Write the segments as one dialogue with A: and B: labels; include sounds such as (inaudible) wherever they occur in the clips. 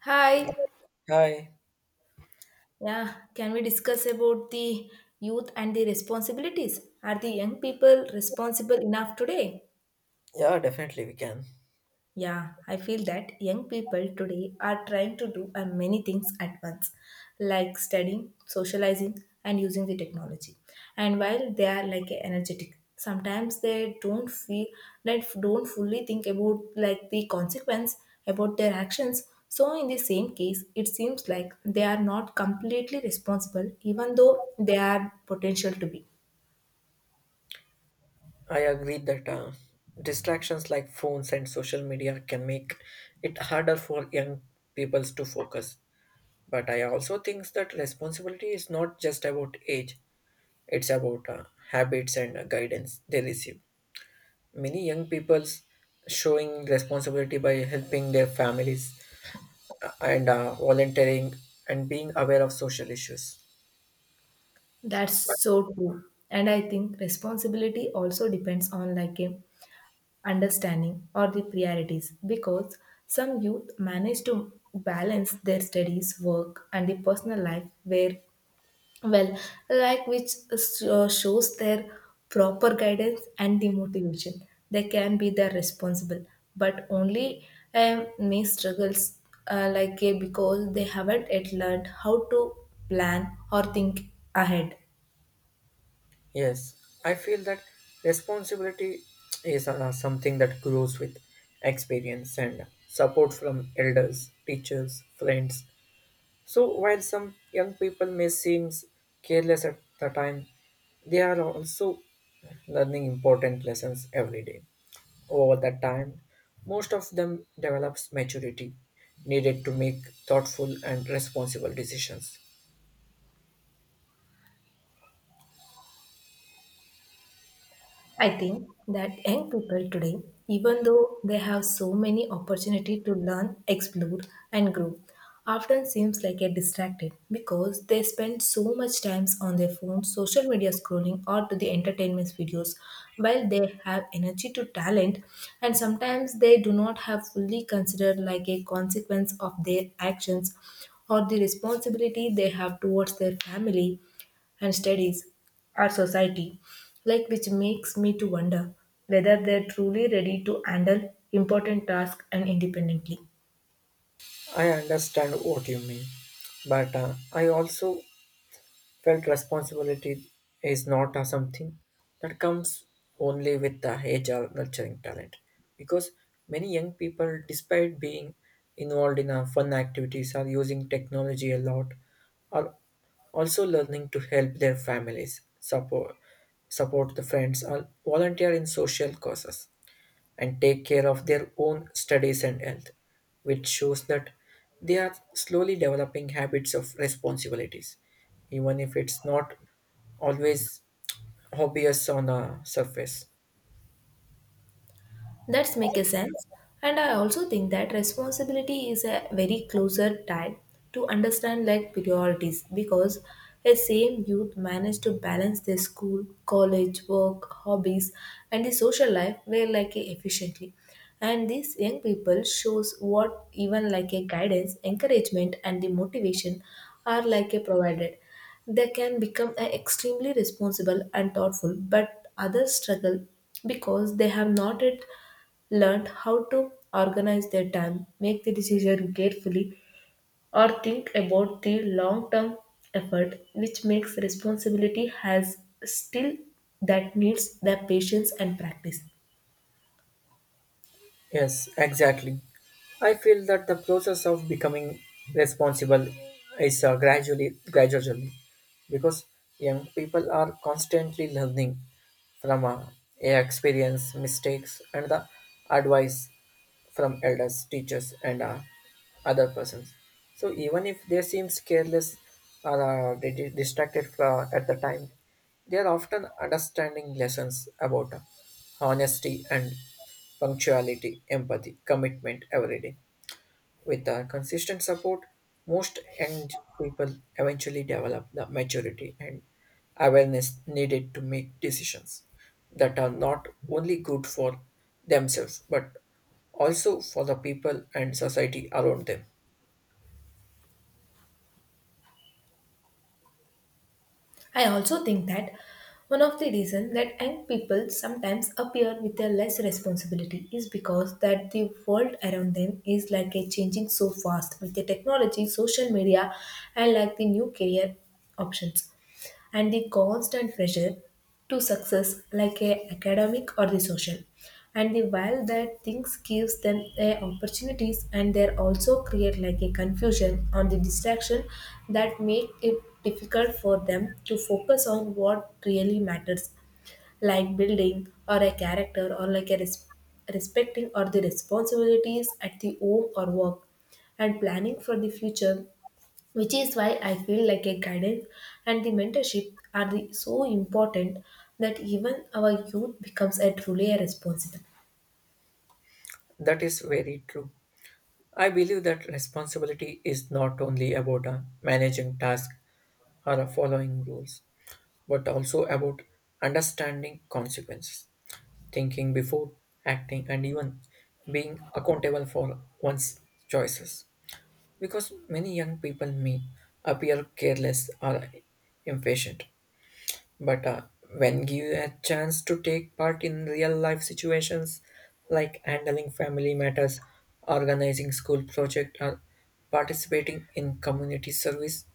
A: Hi.
B: Hi.
A: Yeah, can we discuss about the youth and the responsibilities? Are the young people responsible enough today?
B: Yeah, definitely we can.
A: Yeah, I feel that young people today are trying to do many things at once, like studying, socializing, and using the technology. And while they are like energetic, sometimes they don't feel like don't fully think about like the consequence about their actions. So in the same case, it seems like they are not completely responsible, even though they are potential to be.
B: I agree that distractions like phones and social media can make it harder for young peoples to focus. But I also think that responsibility is not just about age, it's about habits and guidance they receive. Many young peoples showing responsibility by helping their families and volunteering and being aware of social issues.
A: That's so true. And I think responsibility also depends on like a understanding or the priorities, because some youth manage to balance their studies work and the personal life where well like which shows their proper guidance and the motivation they can be the responsible, but only may struggles, like, because they haven't yet learned how to plan or think ahead.
B: Yes, I feel that responsibility is something that grows with experience and support from elders, teachers, friends. So while some young people may seem careless at the time, they are also learning important lessons every day. Over the time, most of them develops maturity needed to make thoughtful and responsible decisions.
A: I think that young people today, even though they have so many opportunity to learn, explore and grow, often seems like a distracted, because they spend so much time on their phones, social media scrolling or to the entertainment videos while they have energy to talent, and sometimes they do not have fully considered like a consequence of their actions or the responsibility they have towards their family and studies, our society, like which makes me to wonder whether they're truly ready to handle important tasks and independently.
B: I understand what you mean, but I also felt responsibility is not a something that comes only with the age or nurturing talent, because many young people, despite being involved in fun activities, are using technology a lot, are also learning to help their families, support the friends, or volunteer in social causes and take care of their own studies and health, which shows that they are slowly developing habits of responsibilities, even if it's not always obvious on the surface.
A: That's make a sense. And I also think that responsibility is a very closer tie to understand like priorities, because a same youth manage to balance their school, college, work, hobbies, and the social life very like a efficiently. And these young people shows what even like a guidance, encouragement, and the motivation are like a provided, they can become a extremely responsible and thoughtful, but others struggle because they have not yet learned how to organize their time, make the decision carefully, or think about the long-term effort, which makes responsibility has still that needs the patience and practice.
B: Yes, exactly. I feel that the process of becoming responsible is gradually, gradually, because young people are constantly learning from experience, mistakes, and the advice from elders, teachers, and other persons. So even if they seem careless or they distracted at the time, they are often understanding lessons about honesty and punctuality, empathy, commitment every day. With the consistent support, most young people eventually develop the maturity and awareness needed to make decisions that are not only good for themselves but also for the people and society around them.
A: I also think that one of the reasons that young people sometimes appear with a less responsibility is because that the world around them is like a changing so fast with the technology, social media, and like the new career options, and the constant pressure to success like a academic or the social, and the while that things gives them a opportunities, and they also create like a confusion on the distraction that make it difficult for them to focus on what really matters, like building or a character, or like a respecting or the responsibilities at the home or work, and planning for the future, which is why I feel like a guidance and the mentorship are the, so important, that even our youth becomes a truly a responsible.
B: That is very true. I believe that responsibility is not only about managing tasks or following rules, but also about understanding consequences, thinking before acting, and even being accountable for one's choices. Because many young people may appear careless or impatient but when given a chance to take part in real life situations like handling family matters, organizing school project, or participating in community service,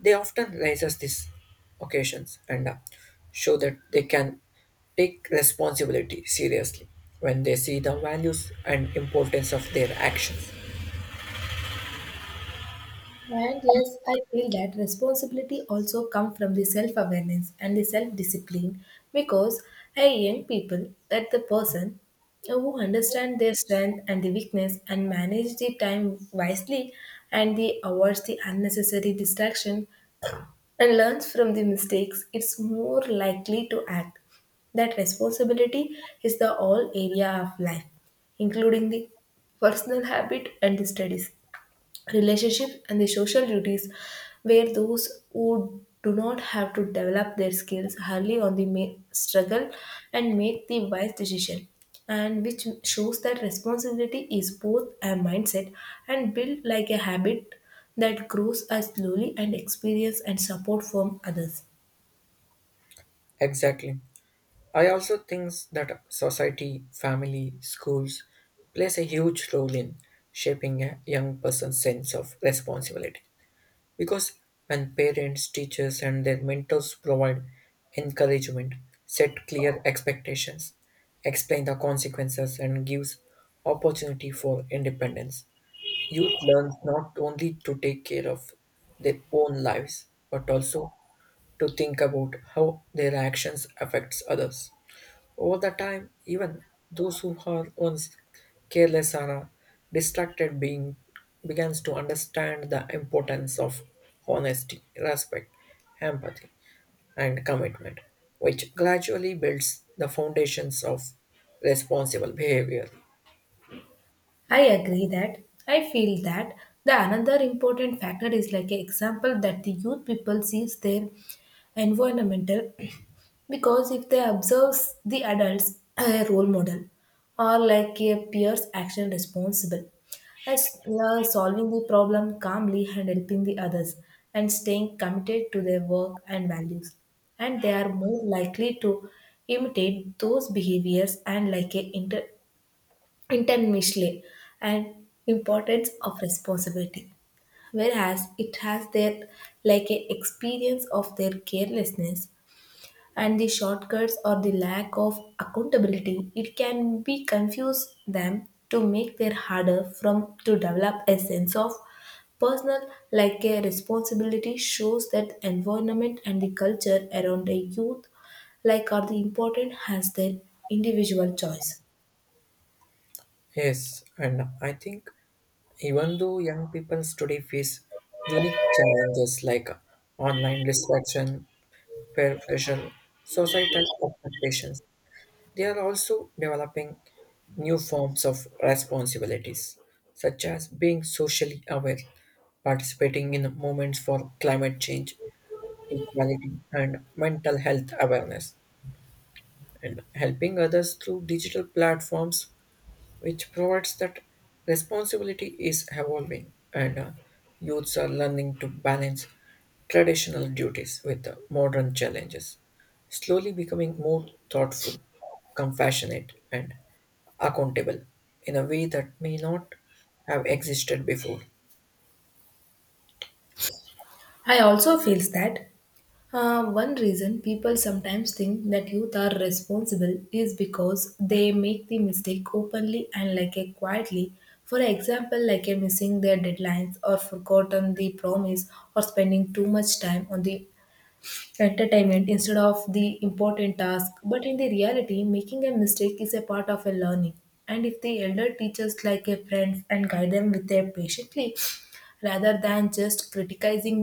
B: they often raises these occasions and show that they can take responsibility seriously when they see the values and importance of their actions.
A: And yes, I feel that responsibility also comes from the self-awareness and the self-discipline, because a young people that the person who understand their strength and the weakness and manage the time wisely, and they avoids the unnecessary distraction and learns from the mistakes, it's more likely to act. That responsibility is the all area of life, including the personal habit and the studies, relationships and the social duties, where those who do not have to develop their skills hardly on the struggle and make the wise decision, and which shows that responsibility is both a mindset and built like a habit that grows as slowly and experience and support from others.
B: Exactly. I also think that society, family, schools plays a huge role in shaping a young person's sense of responsibility. Because when parents, teachers, and their mentors provide encouragement, set clear expectations, explain the consequences, and gives opportunity for independence, youth learns not only to take care of their own lives but also to think about how their actions affects others. Over the time, even those who are once careless or distracted being begins to understand the importance of honesty, respect, empathy, and commitment, which gradually builds the foundations of responsible behavior.
A: I agree that. I feel that the another important factor is like an example that the youth people sees their environmental (clears throat) because if they observe the adults (clears throat) a role model or like a peer's action responsible, as solving the problem calmly and helping the others, and staying committed to their work and values, and they are more likely to imitate those behaviors, and like a intentionally and importance of responsibility, whereas it has their like a experience of their carelessness and the shortcuts or the lack of accountability, it can be confuse them to make their harder from to develop a sense of personal like a responsibility, shows that environment and the culture around the youth like are the important as their individual choice.
B: Yes, and I think even though young people today face unique challenges like online distraction, peer pressure, societal expectations, they are also developing new forms of responsibilities, such as being socially aware, participating in movements for climate change, equality, and mental health awareness, and helping others through digital platforms, which provides that responsibility is evolving and youths are learning to balance traditional duties with modern challenges, slowly becoming more thoughtful, compassionate, and accountable in a way that may not have existed before.
A: I also feels that one reason people sometimes think that youth are responsible is because they make the mistake openly and like a quietly. For example, like a missing their deadlines or forgotten the promise, or spending too much time on the entertainment instead of the important task. But in the reality, making a mistake is a part of a learning. And if the elder teaches like a friend and guide them with their patiently, rather than just criticizing,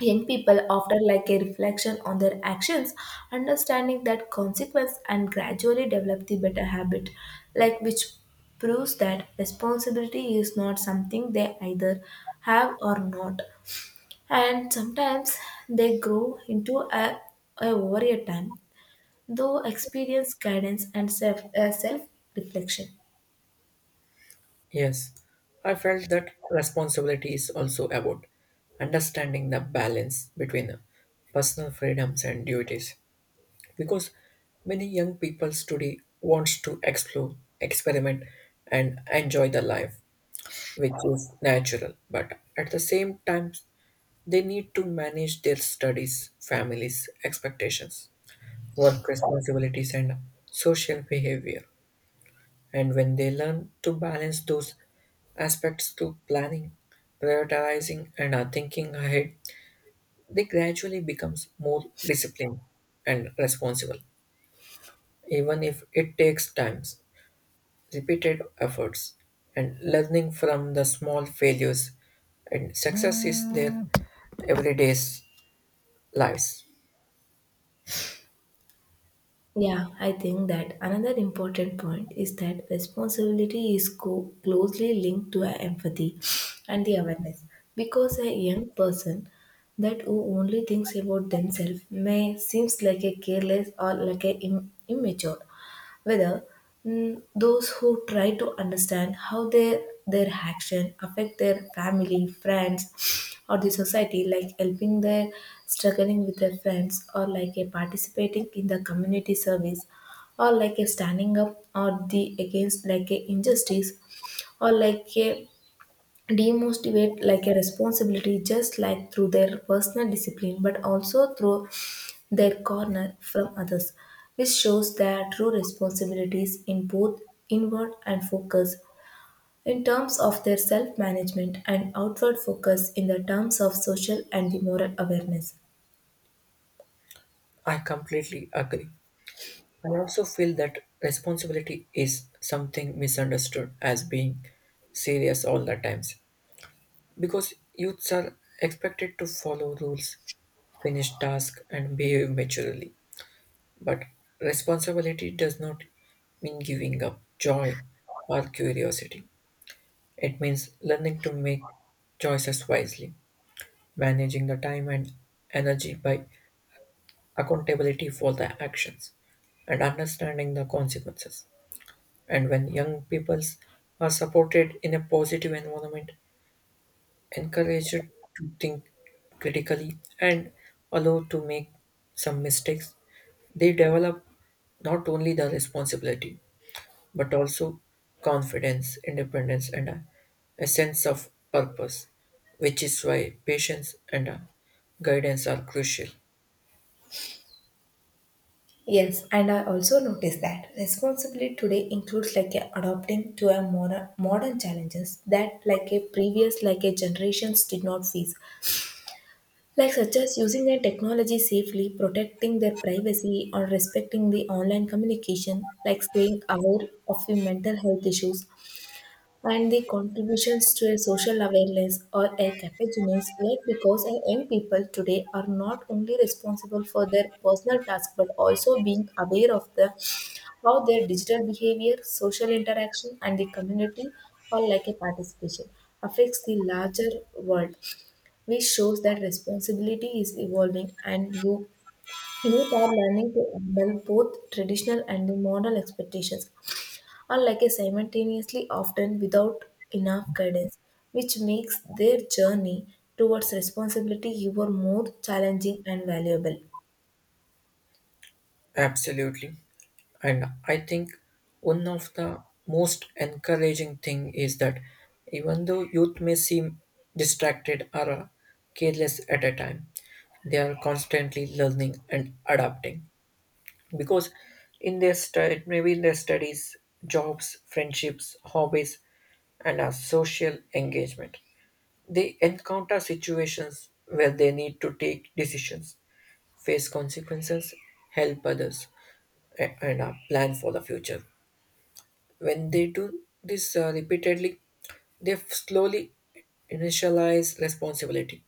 A: young people often like a reflection on their actions, understanding that consequence and gradually develop the better habit, like which proves that responsibility is not something they either have or not. And sometimes they grow into a over a time, though experience guidance and self, self reflection.
B: Yes, I felt that responsibility is also about understanding the balance between personal freedoms and duties because many young people today wants to explore, experiment and enjoy the life which is natural but at the same time they need to manage their studies, families, expectations, work responsibilities and social behavior. And when they learn to balance those aspects through planning, prioritizing, and thinking ahead, they gradually becomes more disciplined and responsible, even if it takes times, repeated efforts, and learning from the small failures and success is their everyday lives.
A: Yeah, I think that another important point is that responsibility is closely linked to our empathy and the awareness, because a young person that who only thinks about themselves may seems like a careless, or like a immature, whether, those who try to understand how their action affect their family, friends, or the society, like helping their struggling with their friends, or like a participating in the community service, or like a standing up or the against like a injustice, or like a demotivate like a responsibility just like through their personal discipline, but also through their corner from others, which shows their true responsibilities in both inward and focus in terms of their self-management, and outward focus in the terms of social and the moral awareness.
B: I completely agree. I also feel that responsibility is something misunderstood as being serious all the times, because youths are expected to follow rules, finish tasks, and behave maturely. But responsibility does not mean giving up joy or curiosity. It means learning to make choices wisely, managing the time and energy by accountability for the actions, and understanding the consequences. And when young peoples are supported in a positive environment, encouraged to think critically and allowed to make some mistakes, they develop not only the responsibility but also confidence, independence, and a sense of purpose, which is why patience and guidance are crucial.
A: Yes, and I also noticed that responsibility today includes like a adopting to a modern challenges that like a previous like a generations did not face, like such as using their technology safely, protecting their privacy, or respecting the online communication, like staying aware of the mental health issues and the contributions to a social awareness or a capacities, like because our young people today are not only responsible for their personal tasks, but also being aware of the how their digital behavior, social interaction, and the community or like a participation affects the larger world, which shows that responsibility is evolving, and youth are learning to handle both traditional and the modern expectations, or like a simultaneously, often without enough guidance, which makes their journey towards responsibility even more challenging and valuable.
B: Absolutely. And I think one of the most encouraging thing is that even though youth may seem distracted or careless at a time, they are constantly learning and adapting because in their stud maybe in their studies, jobs, friendships, hobbies, and our social engagement. They encounter situations where they need to take decisions, face consequences, help others, and plan for the future. When they do this repeatedly, they slowly initialize responsibility,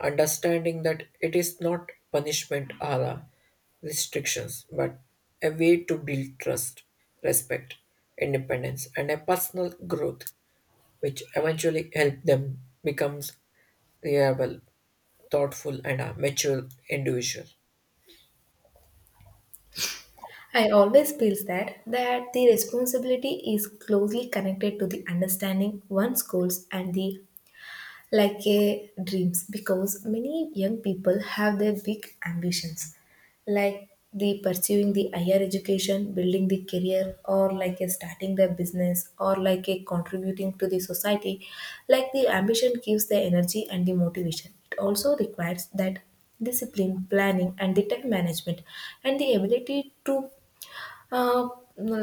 B: understanding that it is not punishment or restrictions, but a way to build trust, respect, independence, and a personal growth, which eventually help them become reliable, thoughtful, and a mature individual.
A: I always feel that the responsibility is closely connected to the understanding one's goals and the like a dreams, because many young people have their big ambitions, like the pursuing the higher education, building the career, or like a starting their business, or like a contributing to the society, like the ambition gives the energy and the motivation, it also requires that discipline, planning and the time management, and the ability to uh,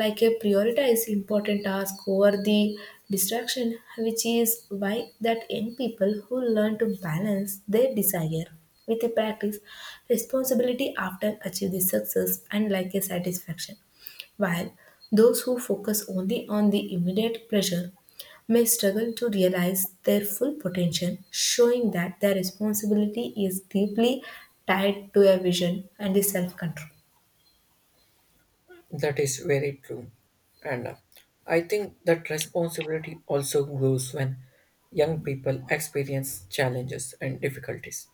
A: like a prioritize important task over the distraction, which is why that young people who learn to balance their desire with a practice responsibility often achieve the success and like a satisfaction, while those who focus only on the immediate pleasure may struggle to realize their full potential, showing that their responsibility is deeply tied to a vision and the self control.
B: That is very true. And I think that responsibility also grows when young people experience challenges and difficulties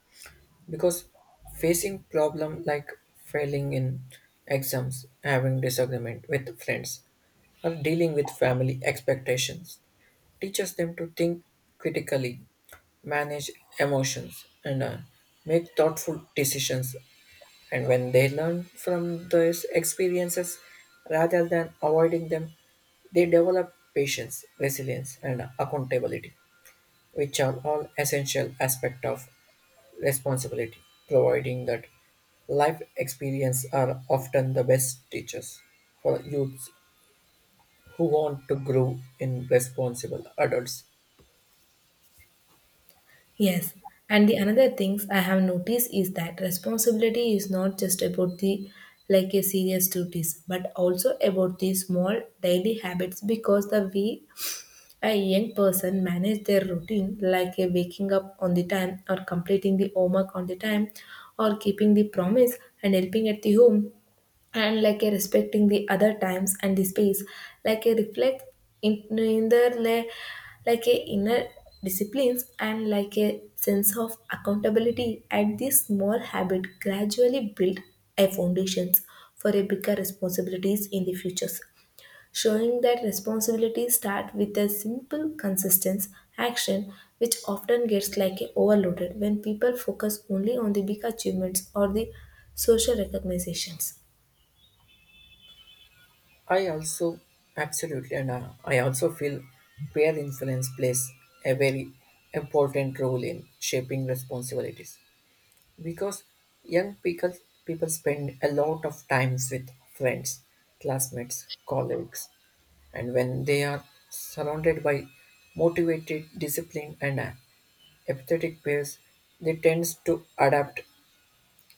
B: because facing problem like failing in exams, having disagreement with friends, or dealing with family expectations teaches them to think critically, manage emotions, and make thoughtful decisions and when they learn from those experiences rather than avoiding them, they develop patience, resilience, and accountability, which are all essential aspects of responsibility, providing that life experience are often the best teachers for youths who want to grow in responsible adults.
A: Yes, and the another things I have noticed is that responsibility is not just about the like a serious duties, but also about the small daily habits, because the way a young person manage their routine, like a waking up on the time or completing the homework on the time, or keeping the promise and helping at the home, and like a respecting the other times and the space, like a reflect in neither like a inner disciplines and like a sense of accountability, and this small habit gradually build a foundations for a bigger responsibilities in the futures, showing that responsibilities start with a simple consistent action, which often gets like a overloaded when people focus only on the big achievements or the social recognitions.
B: I also Absolutely, and I also feel peer influence plays a very important role in shaping responsibilities because young people people spend a lot of times with friends, classmates, colleagues, and when they are surrounded by motivated, disciplined, and empathetic peers, they tend to adapt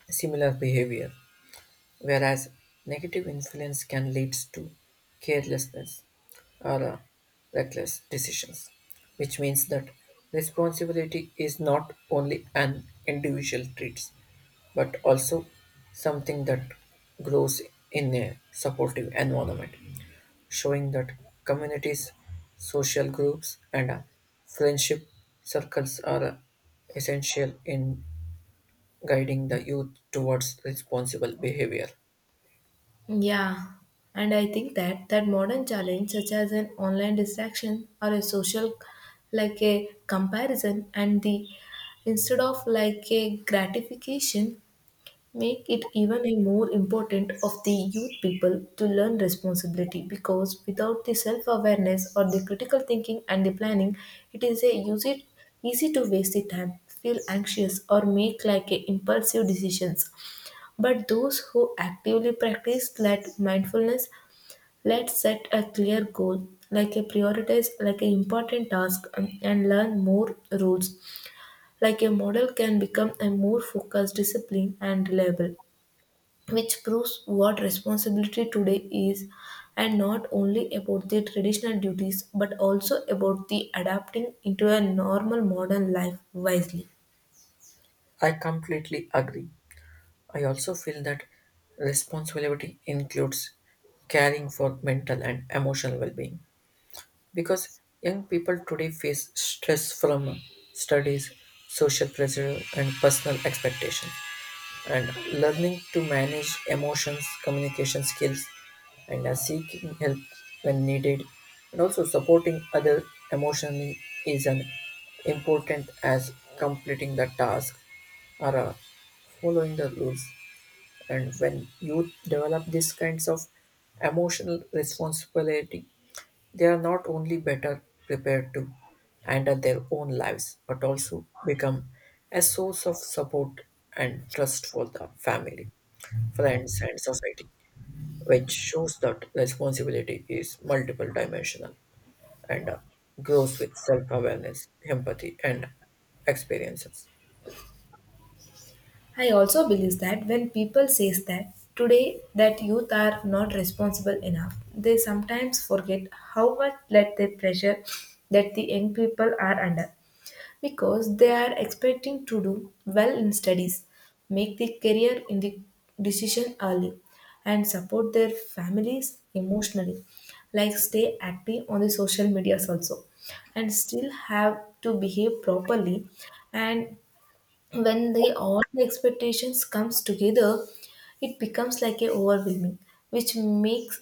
B: similar behavior, whereas negative influence can lead to carelessness or reckless decisions, which means that responsibility is not only an individual trait but also something that grows in a supportive environment, showing that communities, social groups, and friendship circles are essential in guiding the youth towards responsible behavior.
A: Yeah, and I think that modern challenge, such as an online distraction or a social like a comparison and the instead of like a gratification, make it even a more important of the youth people to learn responsibility, because without the self-awareness or the critical thinking and the planning, it is a use it easy to waste the time, feel anxious, or make like a impulsive decisions, but those who actively practice let mindfulness, let set a clear goal, like a prioritize, like an important task, and learn more rules. Like a model can become a more focused, disciplined, and reliable, which proves what responsibility today is, and not only about the traditional duties, but also about the adapting into a normal modern life wisely.
B: I completely agree. I also feel that responsibility includes caring for mental and emotional well being because young people today face stress from studies, social pressure, and personal expectations. And learning to manage emotions, communication skills, and seeking help when needed, and also supporting other emotionally is an important as completing the task or following the rules. And when youth develop these kinds of emotional responsibility, they are not only better prepared to handle their own lives, but also become a source of support and trust for the family, friends, and society, which shows that responsibility is multiple dimensional and grows with self awareness, empathy, and experiences.
A: I also believe that when people says that today that youth are not responsible enough, they sometimes forget how much let the pressure that the young people are under, because they are expecting to do well in studies, make the career in the decision early and support their families emotionally, like stay active on the social medias also and still have to behave properly. And when they all the expectations comes together, it becomes like a overwhelming, which makes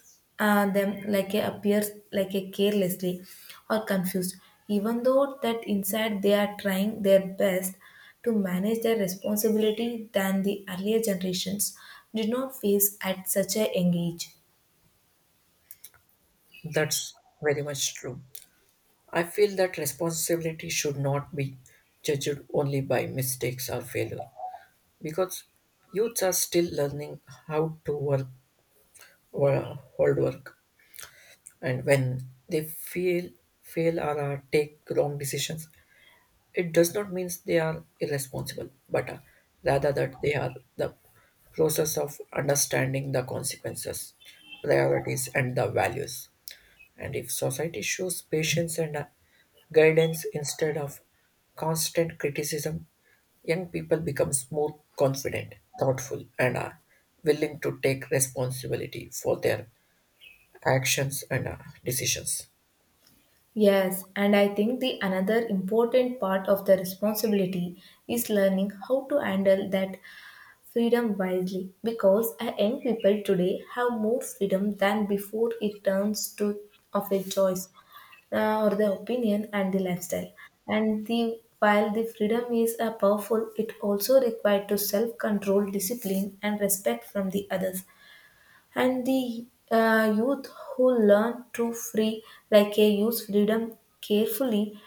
A: them like a appear like a carelessly or confused, even though that inside they are trying their best to manage their responsibility than the earlier generations did not face at such a young age.
B: That's very much true. I feel that responsibility should not be judged only by mistakes or failure because youths are still learning how to work or hold work and when they fail or take wrong decisions it does not mean they are irresponsible but rather that they are the process of understanding the consequences priorities and the values. And if society shows patience and guidance instead of constant criticism, young people become more confident, thoughtful, and are willing to take responsibility for their actions and decisions.
A: Yes, and I think the another important part of the responsibility is learning how to handle that freedom wisely, because our young people today have more freedom than before. It turns to of a choice, or the opinion and the lifestyle, and the while the freedom is a powerful, it also required to self control discipline and respect from the others. And the youth who learn to free, like a use freedom carefully,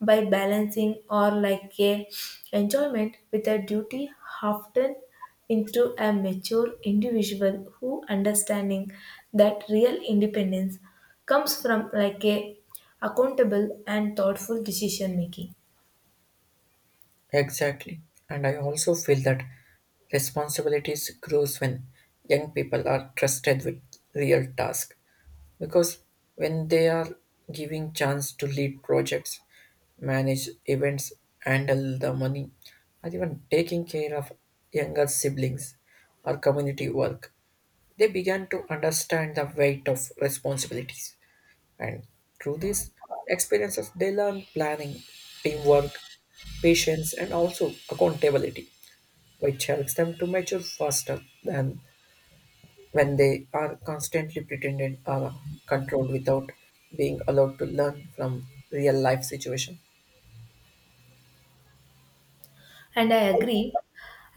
A: by balancing or like a enjoyment with a duty, often into a mature individual who understanding that real independence comes from like a accountable and thoughtful decision making.
B: Exactly. And I also feel that responsibilities grows when young people are trusted with real tasks because when they are giving chance to lead projects, manage events, handle the money, or even taking care of younger siblings or community work, they began to understand the weight of responsibilities and through these experiences they learn planning, teamwork, patience and also accountability, which helps them to mature faster than when they are constantly pretended or controlled without being allowed to learn from real life situation.
A: And I agree,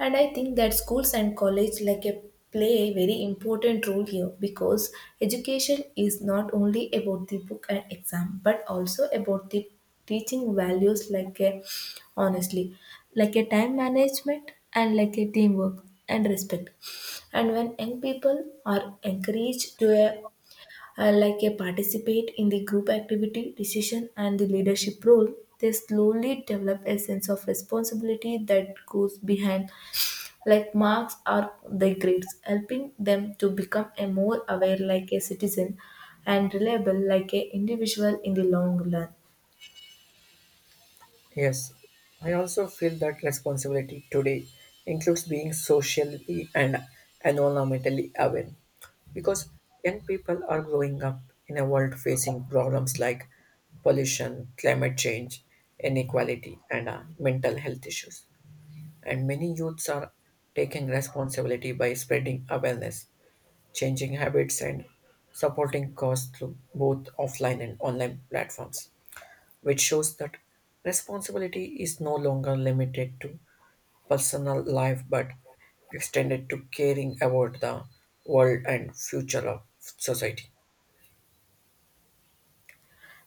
A: and I think that schools and college like a play a very important role here, because education is not only about the book and exam but also about the teaching values like a honestly, like a time management and like a teamwork and respect. And when young people are encouraged to a like a participate in the group activity, decision, and the leadership role, they slowly develop a sense of responsibility that goes behind like marks or the grades, helping them to become a more aware like a citizen and reliable like a individual in the long run.
B: Yes, I also feel that responsibility today includes being socially and environmentally aware because young people are growing up in a world facing problems like pollution, climate change, inequality and mental health issues and many youths are taking responsibility by spreading awareness, changing habits and supporting cause through both offline and online platforms, which shows that responsibility is no longer limited to personal life but extended to caring about the world and future of society.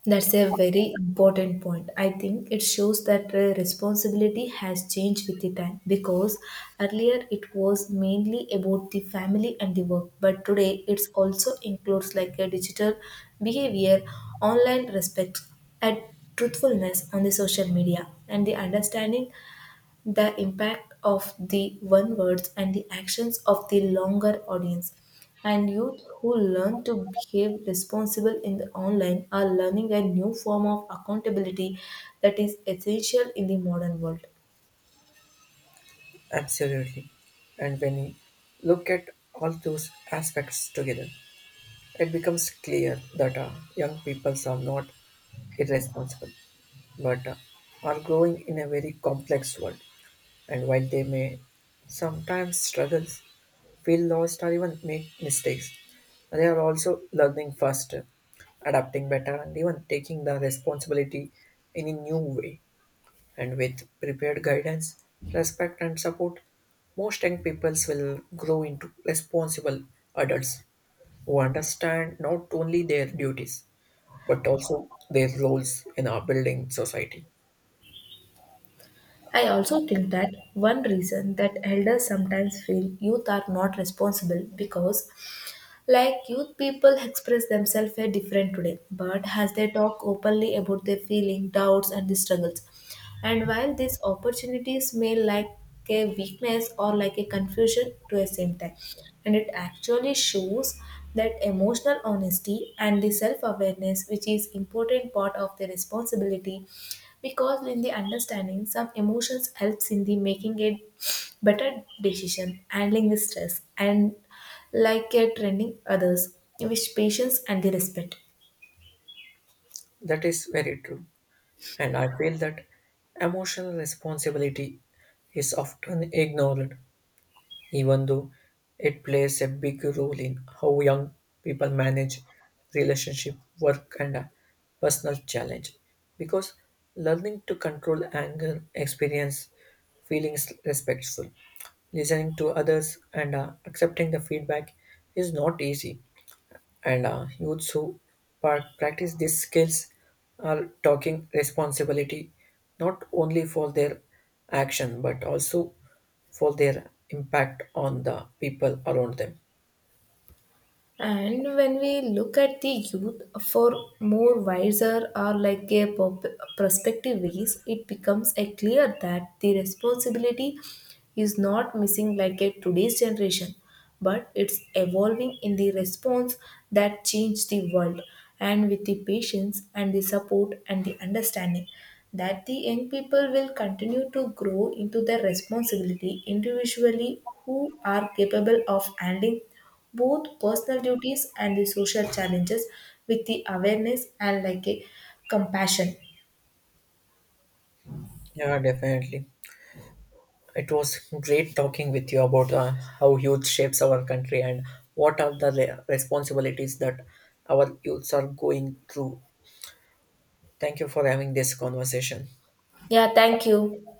A: That's a very important point. I think it shows that responsibility has changed with the time, because earlier it was mainly about the family and the work, but today it also includes like a digital behavior, online respect, and truthfulness on the social media, and the understanding the impact of the one words and the actions of the longer audience. And youth who learn to behave responsible in the online are learning a new form of accountability that is essential in the modern world.
B: Absolutely. And when you look at all those aspects together, it becomes clear that young people are not irresponsible but are growing in a very complex world. And while they may sometimes struggle, feel lost, or even make mistakes, they are also learning faster, adapting better, and even taking the responsibility in a new way. And with prepared guidance, respect, and support, most young peoples will grow into responsible adults who understand not only their duties but also their roles in our building society.
A: I also think that one reason that elders sometimes feel youth are not responsible, because like youth people express themselves very different today, but as they talk openly about their feeling doubts and the struggles. And while these opportunities may like a weakness or like a confusion to the same time, and it actually shows that emotional honesty and the self-awareness, which is important part of the responsibility, because in the understanding some emotions helps in the making a better decision, handling the stress and like a training others with patience and the respect.
B: That is very true. And I feel that emotional responsibility is often ignored, even though it plays a big role in how young people manage relationship, work, and personal challenge. Because learning to control anger, experience feelings respectful, listening to others, and accepting the feedback is not easy and youths who practice these skills are taking responsibility not only for their action but also for their impact on the people around them.
A: And when we look at the youth for more wiser or like a prospective ways, it becomes a clear that the responsibility is not missing like a today's generation, but it's evolving in the response that changed the world. And with the patience and the support and the understanding that the young people will continue to grow into their responsibility individually who are capable of handling both personal duties and the social challenges with the awareness and like a compassion.
B: Yeah, definitely. It was great talking with you about how youth shapes our country and what are the responsibilities that our youths are going through. Thank you for having this conversation.
A: Yeah, thank you.